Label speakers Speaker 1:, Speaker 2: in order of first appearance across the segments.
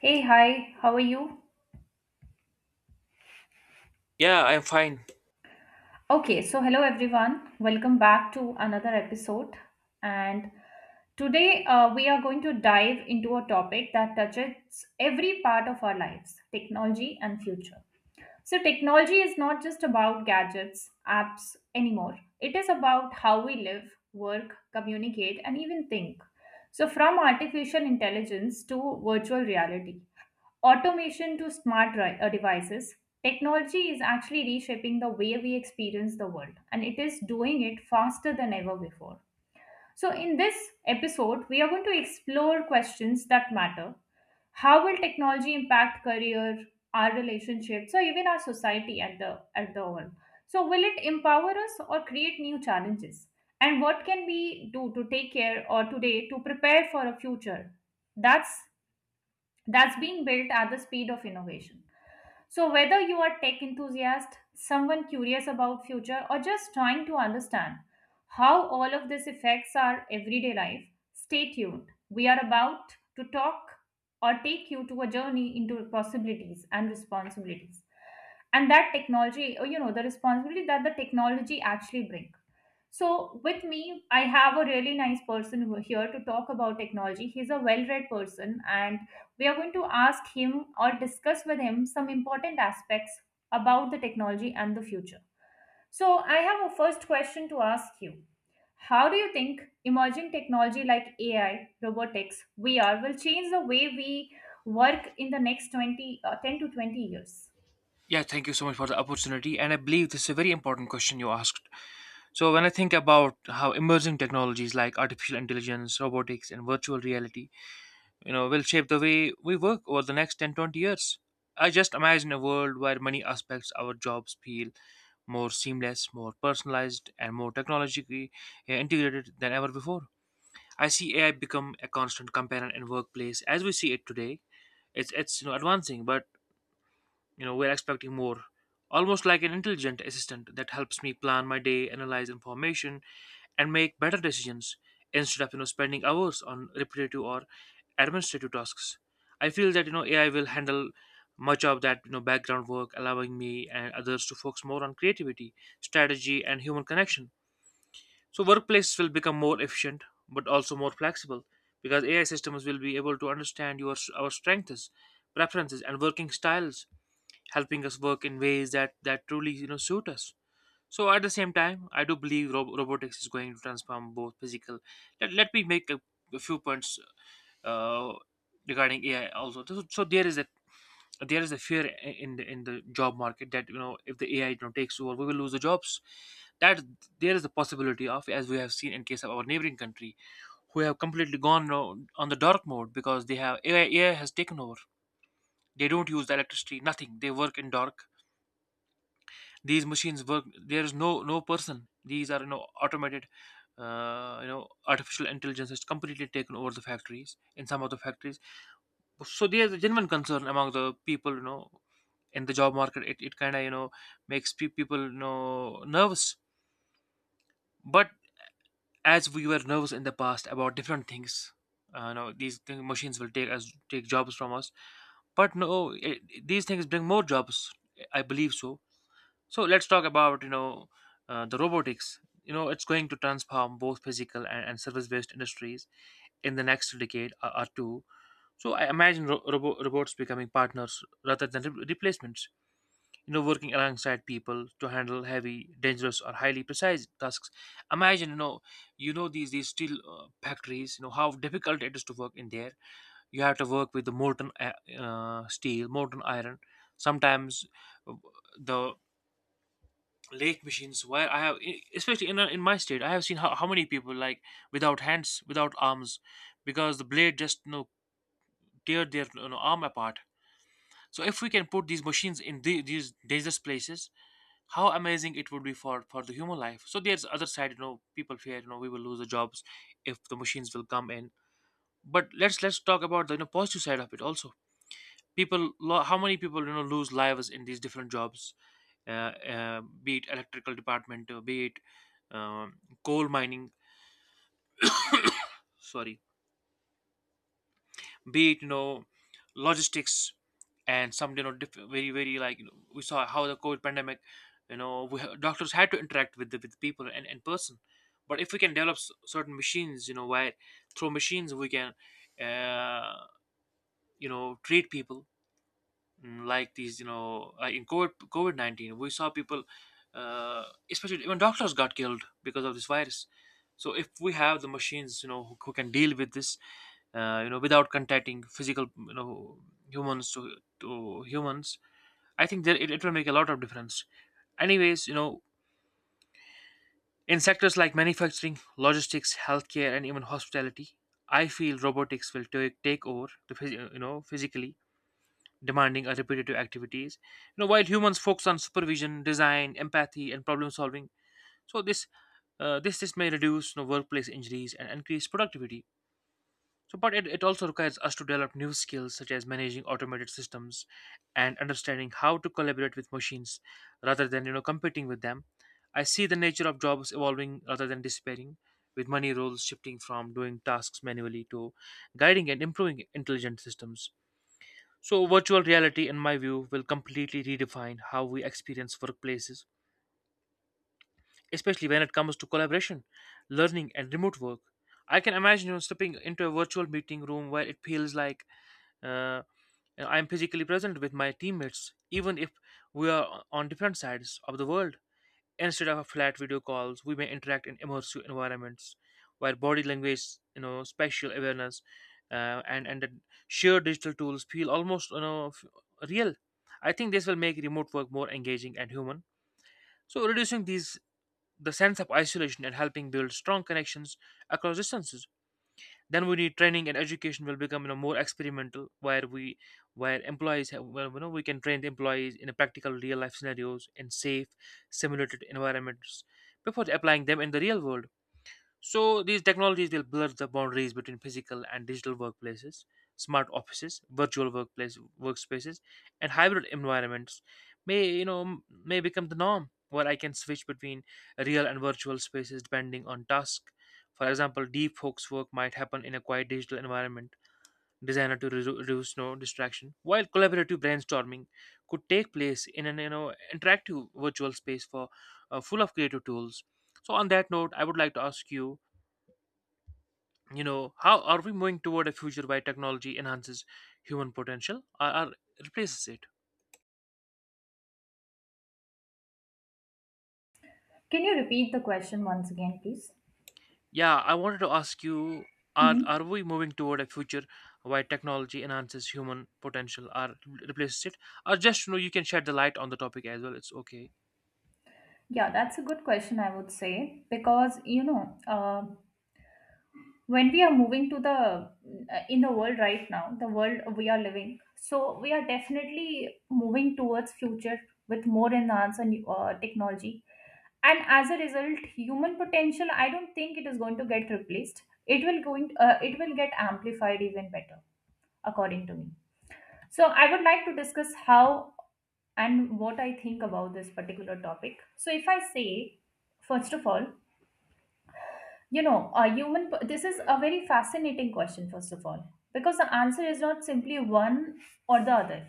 Speaker 1: Hey, hi, how are you?
Speaker 2: Yeah, I'm fine.
Speaker 1: Okay, so hello everyone. Welcome back to another episode. And today, we are going to dive into a topic that touches every part of our lives, technology and future. So technology is not just about gadgets, apps anymore. It is about how we live, work, communicate, and even think. So from artificial intelligence to virtual reality, automation to smart devices, technology is actually reshaping the way we experience the world, and it is doing it faster than ever before. So in this episode, we are going to explore questions that matter. How will technology impact career, our relationships, or even our society at the all? So will it empower us or create new challenges? And what can we do to take care or today to prepare for a future? That's that's being built at the speed of innovation. So whether you are tech enthusiast, someone curious about future, or just trying to understand how all of this affects our everyday life, stay tuned. We are about to talk or take you to a journey into possibilities and responsibilities. And that technology, or, the responsibility that the technology actually brings. So with me, I have a really nice person here to talk about technology. He's a well read person, and we are going to ask him or discuss with him some important aspects about the technology and the future. So I have a first question to ask you. How do you think emerging technology like AI, robotics, VR will change the way we work in the next 10 to 20 years?
Speaker 2: Yeah, thank you so much for the opportunity. And I believe this is a very important question you asked. So when I think about how emerging technologies like artificial intelligence, robotics, and virtual reality, you know, will shape the way we work over the next 10 20 years, I just imagine a world where many aspects of our jobs feel more seamless, more personalized, and more technologically integrated than ever before. I see AI become a constant companion in workplace as we see it today. It's advancing, but you know, we're expecting more. Almost like an intelligent assistant that helps me plan my day, analyze information, and make better decisions instead of spending hours on repetitive or administrative tasks. I feel that AI will handle much of that background work, allowing me and others to focus more on creativity, strategy, and human connection. So workplaces will become more efficient, but also more flexible, because AI systems will be able to understand your our strengths, preferences, and working styles, helping us work in ways that truly suit us. So at the same time, I do believe robotics is going to transform both physical. Let me make a few points uh, regarding AI also. So there is a fear in the job market that, you know, if the AI, you know, takes over, we will lose the jobs. That there is a possibility of, as we have seen in case of our neighboring country, who have completely gone, you know, on the dark mode because they have ai, AI has taken over. They don't use the electricity, nothing. They work in dark. These machines work. There is no person. These are, you know, automated. You know, artificial intelligence has completely taken over the factories, in some of the factories. So there's a genuine concern among the people. You know, in the job market, it kind of, you know, makes people, you know, nervous. But as we were nervous in the past about different things, you know, these thing, machines will take us take jobs from us. But no, it, these things bring more jobs. I believe so. So let's talk about, you know, the robotics. You know, it's going to transform both physical and service-based industries in the next decade or two. So I imagine robots becoming partners rather than replacements. You know, working alongside people to handle heavy, dangerous, or highly precise tasks. Imagine, you know, these steel factories. You know how difficult it is to work in there. You have to work with the molten steel, molten iron. Sometimes uh, the lake machines where I have especially in my state, I have seen how many people like without hands, without arms, because the blade just, you know, tear their, you know, arm apart. So if we can put these machines in the, these dangerous places, how amazing it would be for the human life. So there's other side, you know, people fear, you know, we will lose the jobs if the machines will come in. But let's talk about the, you know, positive side of it also. People how many people, you know, lose lives in these different jobs. Be it electrical department, be it um, coal mining, sorry, be it, you know, logistics, and some, you know, very like, you know, we saw how the COVID pandemic, you know, we, doctors had to interact with the, with people and in person. But if we can develop certain machines, you know, where through machines we can, uh, you know, treat people. Like these, you know, like in covid-19 we saw people, uh, especially even doctors got killed because of this virus. So if we have the machines, you know, who can deal with this, you know, without contacting physical, you know, humans to humans, I think that it will make a lot of difference. Anyways, you know, in sectors like manufacturing, logistics, healthcare, and even hospitality, I feel robotics will take over the you know, physically demanding a repetitive activities. You know, while humans focus on supervision, design, empathy, and problem solving. So this this may reduce, you know, workplace injuries and increase productivity. So, but it also requires us to develop new skills such as managing automated systems and understanding how to collaborate with machines rather than, you know, competing with them. I see the nature of jobs evolving rather than disappearing, with many roles shifting from doing tasks manually to guiding and improving intelligent systems. So, virtual reality, in my view, will completely redefine how we experience workplaces, especially when it comes to collaboration, learning, and remote work. I can imagine, you know, stepping into a virtual meeting room where it feels like, uh, you know, I'm physically present with my teammates, even if we are on different sides of the world. Instead of flat video calls, we may interact in immersive environments where body language, you know, spatial awareness, and the shared digital tools feel almost, you know, real. I think this will make remote work more engaging and human. So reducing these the sense of isolation and helping build strong connections across distances. Then we need training and education will become, you know, more experimental, where we where employees have, well, you know, we can train the employees in a practical real life scenarios in safe simulated environments before applying them in the real world. So these technologies will blur the boundaries between physical and digital workplaces, smart offices, virtual workplace workspaces, and hybrid environments may, you know, may become the norm where I can switch between real and virtual spaces depending on task. For example, deep focus work might happen in a quiet digital environment designed to reduce no distraction, while collaborative brainstorming could take place in an, you know, interactive virtual space for, full of creative tools. So on that note, I would like to ask you, you know, how are we moving toward a future where technology enhances human potential or replaces it?
Speaker 1: Can you repeat the question once again, please?
Speaker 2: Yeah, I wanted to ask you,
Speaker 1: Hmm.
Speaker 2: are we moving toward a future where technology enhances human potential or replaces it, or just, you know, you can shed the light on the topic as well, it's okay.
Speaker 1: Yeah, that's a good question, I would say. Because when we are moving to the world right now, the world we are living, so we are definitely moving towards future with more enhanced and technology. And as a result, human potential, I don't think it is going to get replaced. It will going, it will get amplified even better, according to me. So I would like to discuss how and what I think about this particular topic. So if I say, first of all, this is a very fascinating question, first of all, because the answer is not simply one or the other.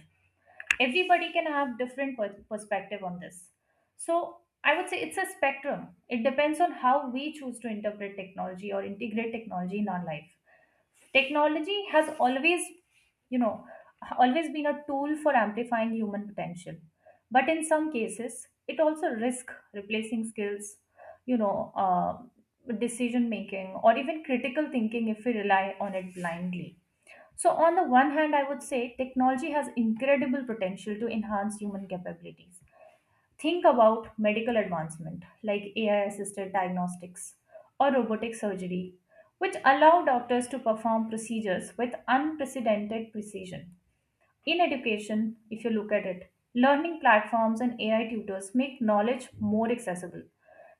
Speaker 1: Everybody can have different perspective on this. So I would say it's a spectrum. It depends on how we choose to interpret technology or integrate technology in our life. Technology has you know, always been a tool for amplifying human potential. But in some cases, it also risk replacing skills, decision making or even critical thinking if we rely on it blindly. So on the one hand, I would say technology has incredible potential to enhance human capabilities. Think about medical advancement like AI assisted diagnostics or robotic surgery, which allow doctors to perform procedures with unprecedented precision. In education, if you look at it, learning platforms and AI tutors make knowledge more accessible,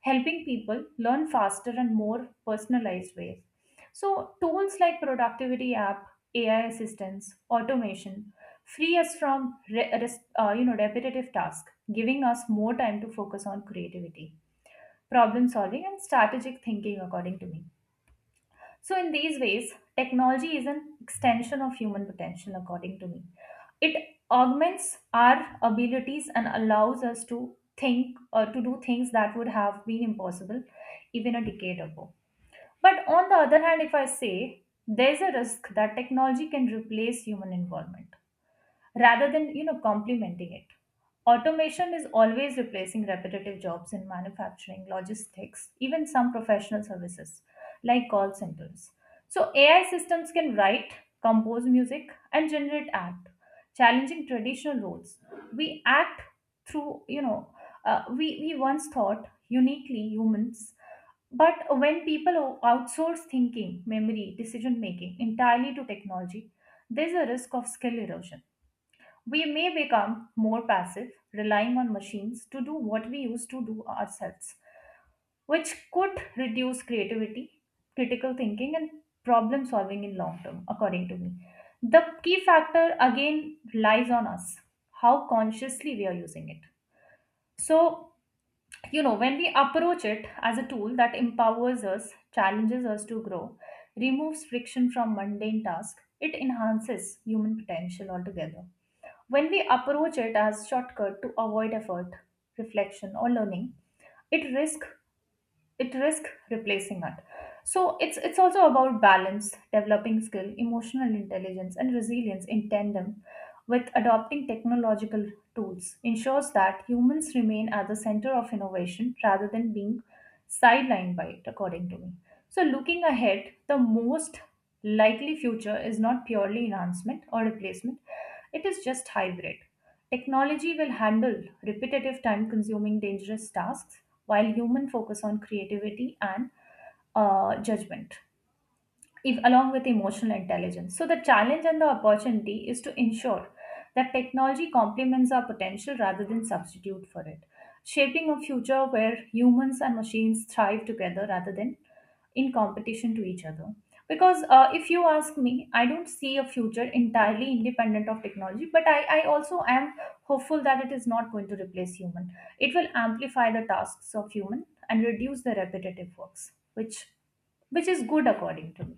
Speaker 1: helping people learn faster and more personalized ways. So tools like productivity app, AI assistance, automation free us from repetitive tasks, giving us more time to focus on creativity, problem solving, and strategic thinking, according to me. So in these ways, technology is an extension of human potential, according to me. It augments our abilities and allows us to think or to do things that would have been impossible even a decade ago. But on the other hand, if I say there's a risk that technology can replace human involvement rather than complementing it. Automation is always replacing repetitive jobs in manufacturing, logistics, even some professional services like call centers. So AI systems can write, compose music, and generate art, challenging traditional roles we act through you know we once thought uniquely humans. But when people outsource thinking, memory, decision making entirely to technology, there's a risk of skill erosion. We may become more passive, relying on machines to do what we used to do ourselves, which could reduce creativity, critical thinking, and problem solving in long term, according to me. The key factor again lies on us, how consciously we are using it. So, when we approach it as a tool that empowers us, challenges us to grow, removes friction from mundane tasks, it enhances human potential altogether. When we approach it as shortcut to avoid effort, reflection, or learning, it risks it risks replacing it. So it's also about balance. Developing skill, emotional intelligence, and resilience in tandem with adopting technological tools ensures that humans remain at the center of innovation rather than being sidelined by it, according to me. So looking ahead, the most likely future is not purely enhancement or replacement, it is just hybrid. Technology will handle repetitive, time consuming, dangerous tasks while human focus on creativity and judgment, if along with emotional intelligence. So the challenge and the opportunity is to ensure that technology complements our potential rather than substitute for it, shaping a future where humans and machines thrive together rather than in competition to each other. Because if you ask me, I don't see a future entirely independent of technology. But I also am hopeful that it is not going to replace human. It will amplify the tasks of human and reduce the repetitive works, which is good, according to me.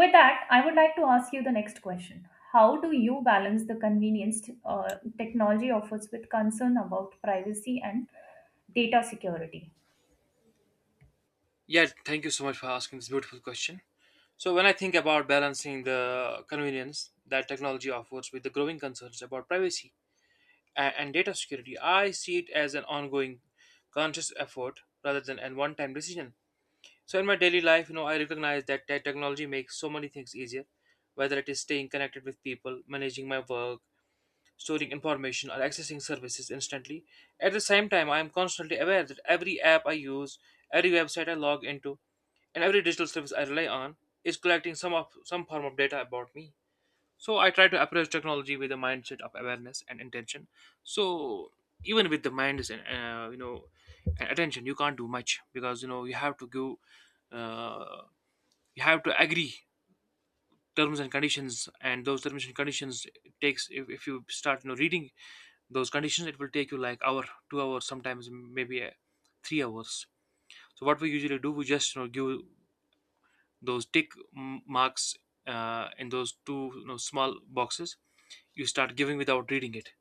Speaker 1: With that, I would like to ask you the next question. How do you balance the convenience technology offers with concern about privacy and data security?
Speaker 2: Yeah, thank you so much for asking this beautiful question. So when I think about balancing the convenience that technology offers with the growing concerns about privacy and data security, I see it as an ongoing conscious effort rather than a one time decision. So in my daily life, you know, I recognize that technology makes so many things easier, whether it is staying connected with people, managing my work, storing information, or accessing services instantly. At the same time, I am constantly aware that every app I use, every website I log into, and every digital service I rely on is collecting some of some form of data about me. So I try to approach technology with a mindset of awareness and intention. So even with the mind is, you know, and attention, you can't do much, because, you know, you have to give, you have to agree terms and conditions, and those terms and conditions takes, if you start, you know, reading those conditions, it will take you like hour 2 hours, sometimes maybe, 3 hours. So what we usually do, we just, you know, give those tick marks, in those two, you know, small boxes. You start giving without reading it.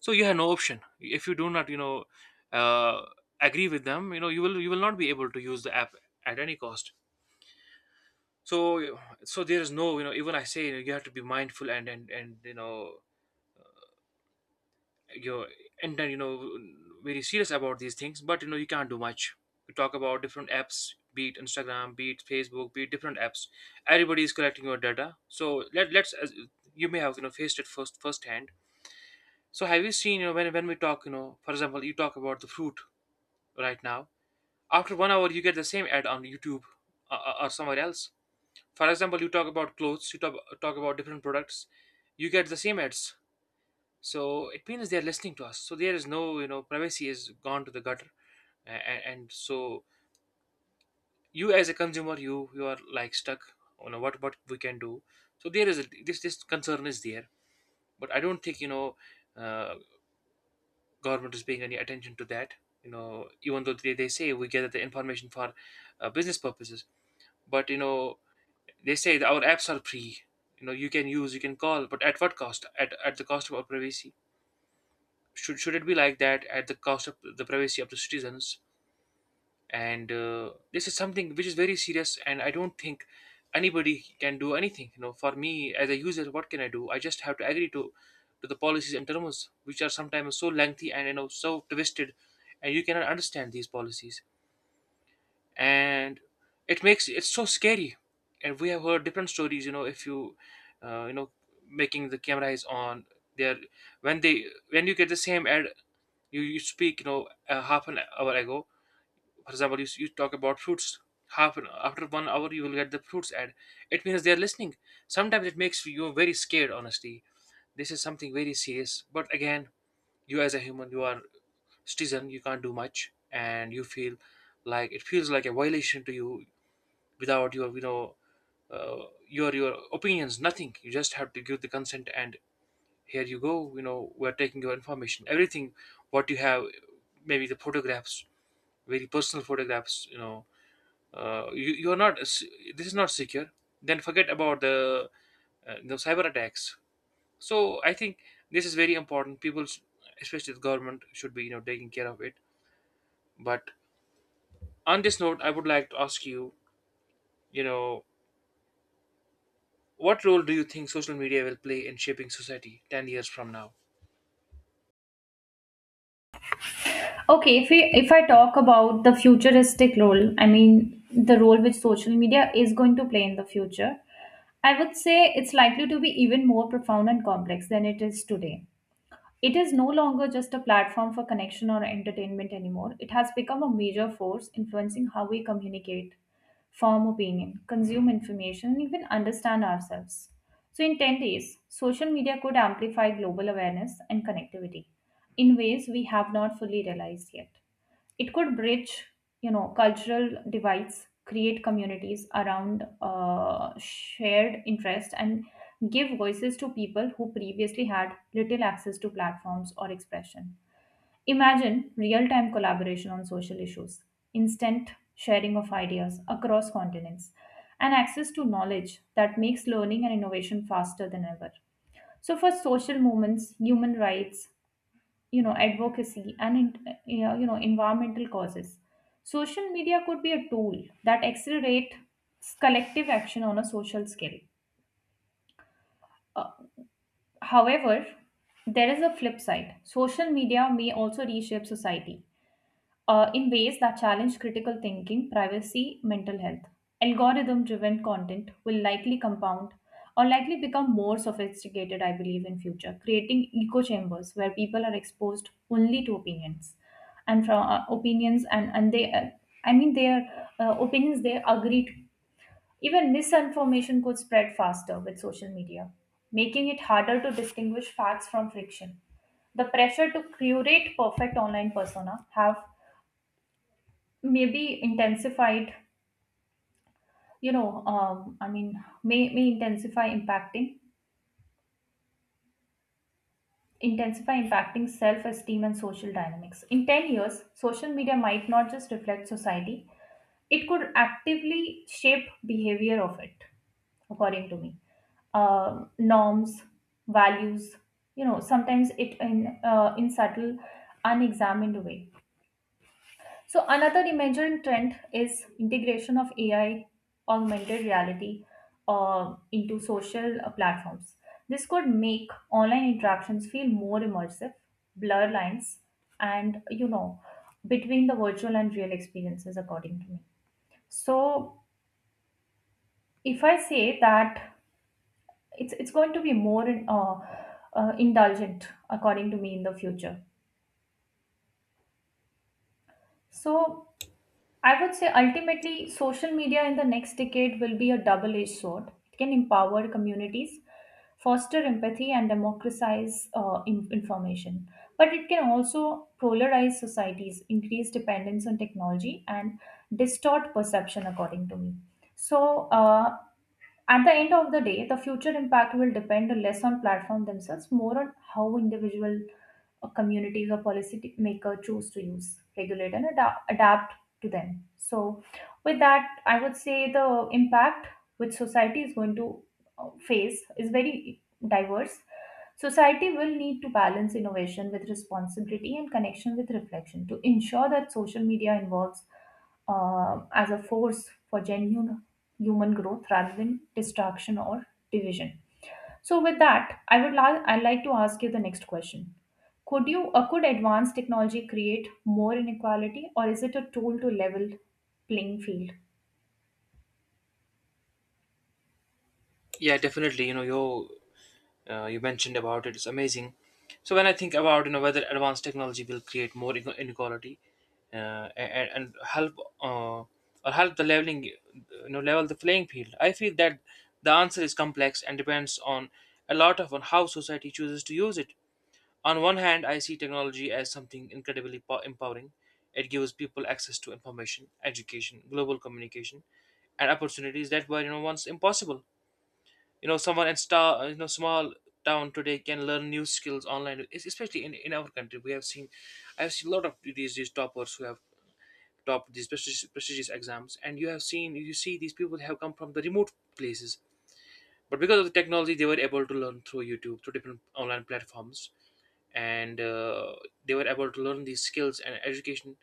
Speaker 2: So you have no option. If you do not, you know, uh, agree with them, you know, you will, you will not be able to use the app at any cost. So, so there is no, you know, even I say, you know, you have to be mindful, and and, you know, you and then, you know, very serious about these things, but, you know, you can't do much. We talk about different apps, be it Instagram, be it Facebook, be it different apps, everybody is collecting your data. So let's, as you may have, you know, faced it first hand. So have you seen, you know, when we talk, you know, for example, you talk about the fruit right now, after one hour you get the same ad on YouTube, or somewhere else. For example, you talk about clothes, you talk about different products, you get the same ads. So it means they're listening to us. So there is no, you know, privacy is gone to the gutter. And So you as a consumer, you are like stuck. You know what we can do. So there is a, this concern is there. But I don't think uh, government is paying any attention to that. Even though they say we gather the information for business purposes. But they say that our apps are free. You know, you can use, you can call, but at what cost? At the cost of our privacy. Should it be like that? At the cost of the privacy of the citizens. And this is something which is very serious, and I don't think anybody can do anything. You know, for me as a user, what can I do? I just have to agree to the policies and terms, which are sometimes so lengthy and so twisted, and you cannot understand these policies. And it's so scary. And we have heard different stories. If you you know making the camera is on there, when they when you get the same ad. You speak half an hour ago. For example, you talk about fruits. Half an After 1 hour you will get the fruits ad. It means they are listening. Sometimes it makes you very scared, honestly. This is something very serious, but again, you as a human, you are citizen, you can't do much. And you feel like it feels like a violation to you, without your your opinions, nothing. You just have to give the consent, and here you go, we're taking your information, everything what you have, maybe the photographs, very personal photographs. You know you, you're not se- This is not secure. Then forget about the cyber attacks. So I think this is very important, people especially the government should be taking care of it. But on this note, I would like to ask you, you know what role do you think social media will play in shaping society 10 years from now?
Speaker 1: Okay, if I talk about the futuristic role, I mean the role which social media is going to play in the future, I would say it's likely to be even more profound and complex than it is today. It is no longer just a platform for connection or entertainment anymore. It has become a major force influencing how we communicate, form opinion, consume information, and even understand ourselves. So in 10 days, social media could amplify global awareness and connectivity in ways we have not fully realized yet. It could bridge cultural divides, create communities around shared interest, and give voices to people who previously had little access to platforms or expression. Imagine real-time collaboration on social issues, instant sharing of ideas across continents, and access to knowledge that makes learning and innovation faster than ever. So for social movements, human rights, advocacy, and in, you know, environmental causes, social media could be a tool that accelerates collective action on a social scale. Uh, however, there is a flip side. Social media may also reshape society in ways that challenge critical thinking, privacy, mental health. Algorithm driven content will likely compound or likely become more sophisticated, I believe, in future, creating echo chambers where people are exposed only to opinions and from opinions and they, I mean, their opinions they agree to. Even misinformation could spread faster with social media, making it harder to distinguish facts from friction. The pressure to curate perfect online persona have maybe intensified, you know um, i mean may intensify impacting, intensify impacting self-esteem and social dynamics. In 10 years, social media might not just reflect society, it could actively shape behavior of it, according to me. Norms, values, sometimes it in subtle, unexamined way. So another emergent trend is integration of AI, augmented reality, into social platforms. This could make online interactions feel more immersive, blur lines, and between the virtual and real experiences, according to me. So if I say that it's going to be more indulgent, according to me, in the future. So I would say ultimately, social media in the next decade will be a double edged sword. It can empower communities, foster empathy, and democratize information. But it can also polarize societies, increase dependence on technology, and distort perception, according to me. So, at the end of the day, the future impact will depend less on platform themselves, more on how individual communities or policy maker choose to use, regulate, and adapt to them. So with that, I would say the impact which society is going to face is very diverse. Society will need to balance innovation with responsibility and connection with reflection to ensure that social media involves as a force for genuine human growth rather than distraction or division. So with that, I'd like to ask you the next question. Could advanced technology create more inequality, or is it a tool to level playing field?
Speaker 2: Yeah, definitely. You know, you mentioned about it. It's amazing. So when I think about whether advanced technology will create more inequality and help, or help the leveling you know level the playing field, I feel that the answer is complex and depends on a lot of on how society chooses to use it. On one hand, I see technology as something incredibly empowering. It gives people access to information, education, global communication, and opportunities that were once impossible. You know, someone in star you know small town today can learn new skills online. Especially in our country, I've seen a lot of these toppers who have topped these prestigious exams, and you see these people have come from the remote places. But because of the technology, they were able to learn through YouTube, through different online platforms, and they were able to learn these skills and education.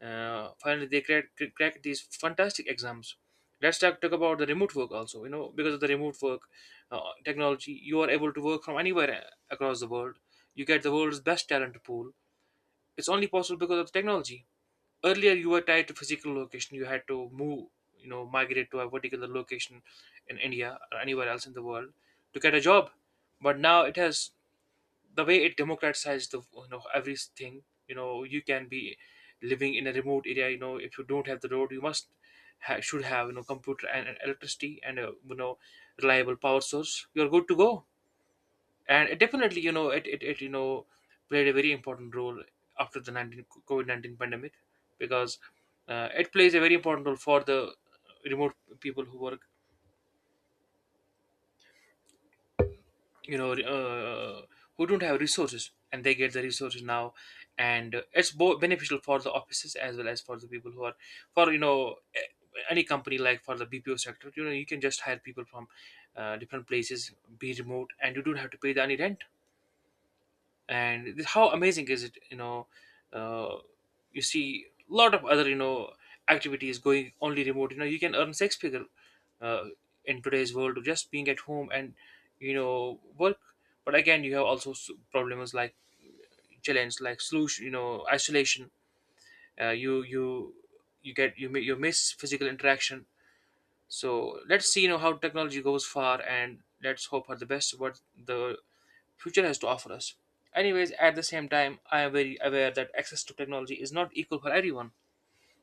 Speaker 2: Finally, they cracked these fantastic exams. Let's talk about the remote work also. You know, because of the remote work technology, you are able to work from anywhere across the world. You get the world's best talent pool. It's only possible because of the technology. Earlier you were tied to physical location, you had to move, migrate to a particular location in India or anywhere else in the world to get a job. But now it has the way it democratized the you know everything. You know, you can be living in a remote area. You know, if you don't have the road, you should have, computer and electricity and a, reliable power source, you're good to go. And it definitely, you know it, it, it you know played a very important role after the 19 COVID-19 pandemic, because it plays a very important role for the remote people who work, you know uh, who don't have resources, and they get the resources now. And it's both beneficial for the offices as well as for the people who are, for any company, like for the BPO sector, you know, you can just hire people from different places, be remote, and you don't have to pay the any rent. And how amazing is it. You know, uh, you see a lot of other, activities going only remote. You know, you can earn six figure, uh, in today's world, just being at home and, work. But again, you have also problems like challenge, like solution, isolation. You you you get you mi- You miss physical interaction. So let's see, you know, how technology goes far, and let's hope for the best what the future has to offer us. Anyways, at the same time, I am very aware that access to technology is not equal for everyone.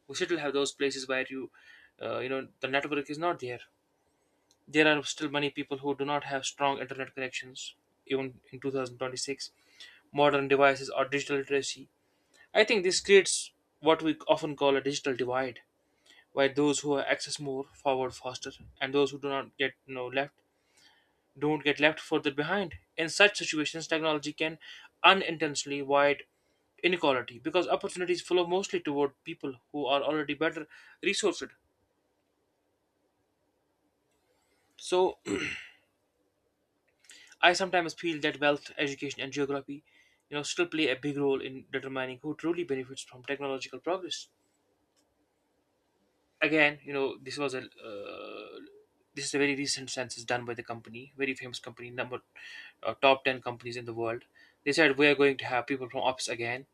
Speaker 2: We still have those places where the network is not there. There are still many people who do not have strong internet connections, even in 2026. Modern devices or digital literacy. I think this creates what we often call a digital divide, while those who access more forward faster, and those who do not get you know, left don't get left further behind. In such situations technology can unintentionally widen inequality, because opportunities flow mostly toward people who are already better resourced. So I sometimes feel that wealth, education, and geography still play a big role in determining who truly benefits from technological progress. Again, you know, uh, this is a very recent census done by the company, very famous company, number top 10 companies in the world. They said we are going to have people from office again.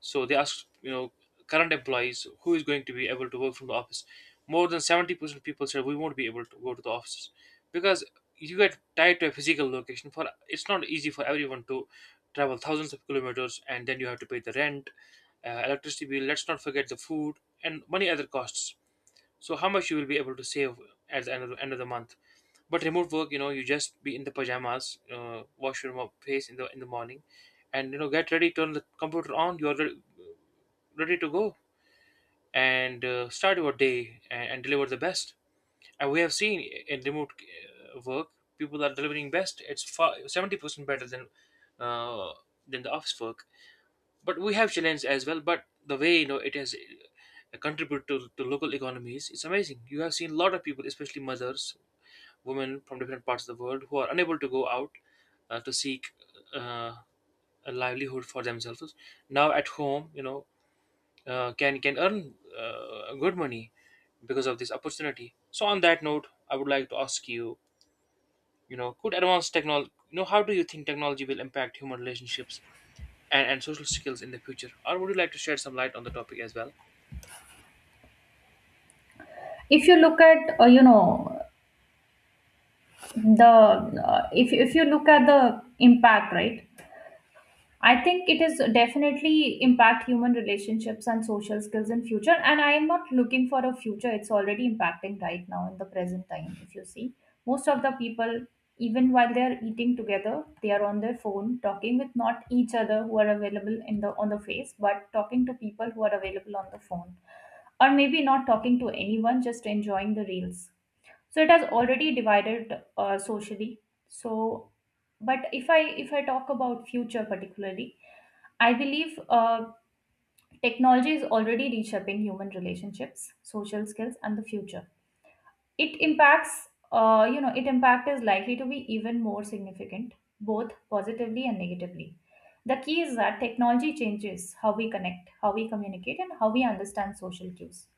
Speaker 2: So they asked, current employees who is going to be able to work from the office. More than 70% of people said we won't be able to go to the offices, because you get tied to a physical location. For it's not easy for everyone to travel thousands of kilometers, and then you have to pay the rent, electricity bill. Let's not forget the food and many other costs. So how much you will be able to save at the end end of the month. But remote work, you just be in the pajamas, wash your face in the morning, and, get ready, turn the computer on, you're ready to go, and start your day, and deliver the best. And we have seen in remote work, people are delivering best, it's far, 70% better than uh, than the office work. But we have challenge as well. But the way, it has contribute to local economies, it's amazing. You have seen a lot of people, especially mothers, women from different parts of the world who are unable to go out to seek uh, a livelihood for themselves. Now at home, can earn good money because of this opportunity. So on that note, I would like to ask you, you know could advanced technology you know how do you think technology will impact human relationships and social skills in the future? Or would you like to shed some light on the topic as well?
Speaker 1: If you look at you know the if you look at the impact, right, I think it is definitely impact human relationships and social skills in future. And I am not looking for a future. It's already impacting right now in the present time. If you see, most of the people, even while they are eating together, they are on their phone talking with not each other who are available in the on the face, but talking to people who are available on the phone, or maybe not talking to anyone, just enjoying the reels. So it has already divided socially. So, but if I talk about future particularly, I believe technology is already reshaping human relationships, social skills, and the future. It impacts, it impact is likely to be even more significant, both positively and negatively. The key is that technology changes how we connect, how we communicate, and how we understand social cues.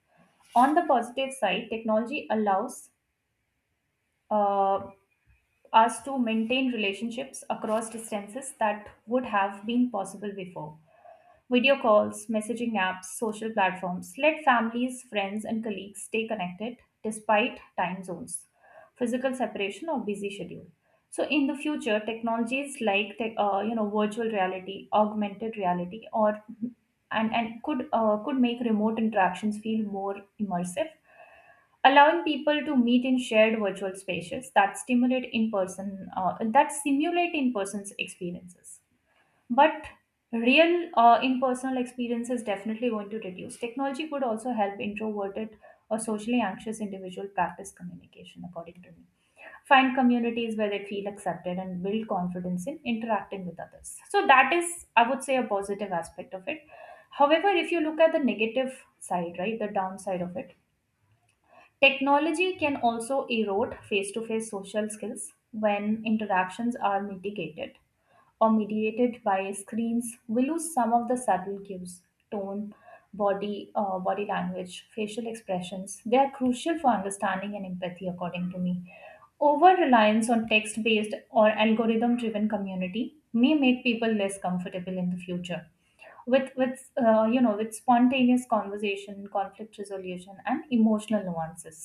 Speaker 1: On the positive side, technology allows uh, us to maintain relationships across distances that would have been possible before. Video calls, messaging apps, social platforms let families, friends, and colleagues stay connected despite time zones, physical separation, or busy schedule. So, in the future, technologies like virtual reality, augmented reality, or and could make remote interactions feel more immersive, allowing people to meet in shared virtual spaces that stimulate in person that simulate in person's experiences. But real impersonal experience is definitely going to reduce. Technology could also help introverted or socially anxious individual practice communication, according to me. Find communities where they feel accepted and build confidence in interacting with others. So that is, I would say, a positive aspect of it. However, if you look at the negative side, right, the downside of it, technology can also erode face-to-face social skills. When interactions are mitigated or mediated by screens, we lose some of the subtle cues, tone, body language, facial expressions. They are crucial for understanding and empathy, according to me. Over reliance on text based or algorithm driven community may make people less comfortable in the future with with spontaneous conversation, conflict resolution, and emotional nuances.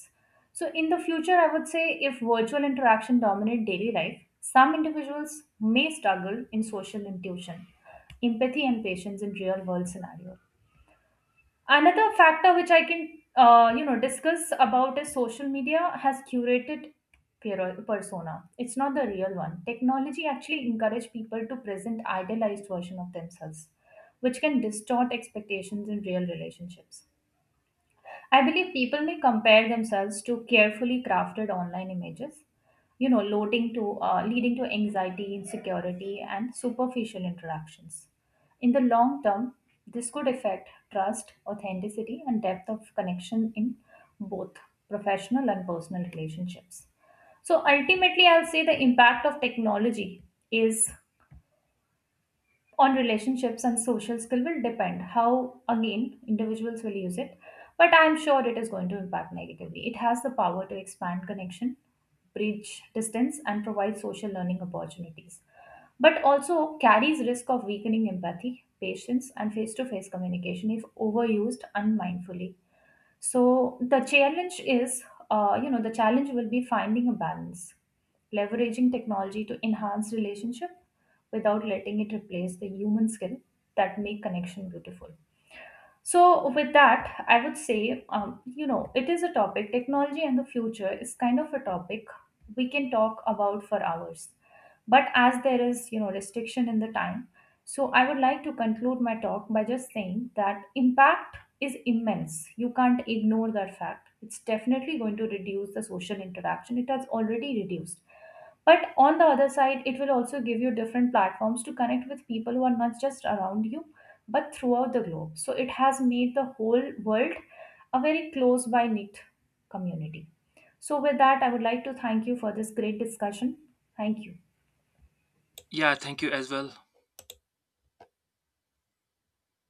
Speaker 1: So in the future, I would say if virtual interaction dominate daily life, some individuals may struggle in social intuition, empathy, and patience in real world scenarios. Another factor which I can discuss about is social media has curated persona. It's not the real one. Technology actually encourage people to present idealized version of themselves, which can distort expectations in real relationships. I believe people may compare themselves to carefully crafted online images, leading to anxiety, insecurity, and superficial interactions. In the long term, this could affect trust, authenticity, and depth of connection in both professional and personal relationships. So ultimately, I'll say the impact of technology is on relationships and social skill will depend how again individuals will use it. But I'm sure it is going to impact negatively. It has the power to expand connection, bridge distance, and provide social learning opportunities, but also carries risk of weakening empathy, patience, and face-to-face communication if overused unmindfully. So the challenge is, the challenge will be finding a balance, leveraging technology to enhance relationship without letting it replace the human skill that make connection beautiful. So, with that, I would say, it is a topic, technology and the future is kind of a topic we can talk about for hours. But as there is, you know, restriction in the time, so I would like to conclude my talk by just saying that impact is immense. You can't ignore that fact. It's definitely going to reduce the social interaction. It has already reduced. But on the other side, it will also give you different platforms to connect with people who are not just around you, but throughout the globe. So it has made the whole world a very close by knit community. So, with that, I would like to thank you for this great discussion. Thank you.
Speaker 2: Yeah, thank you as well.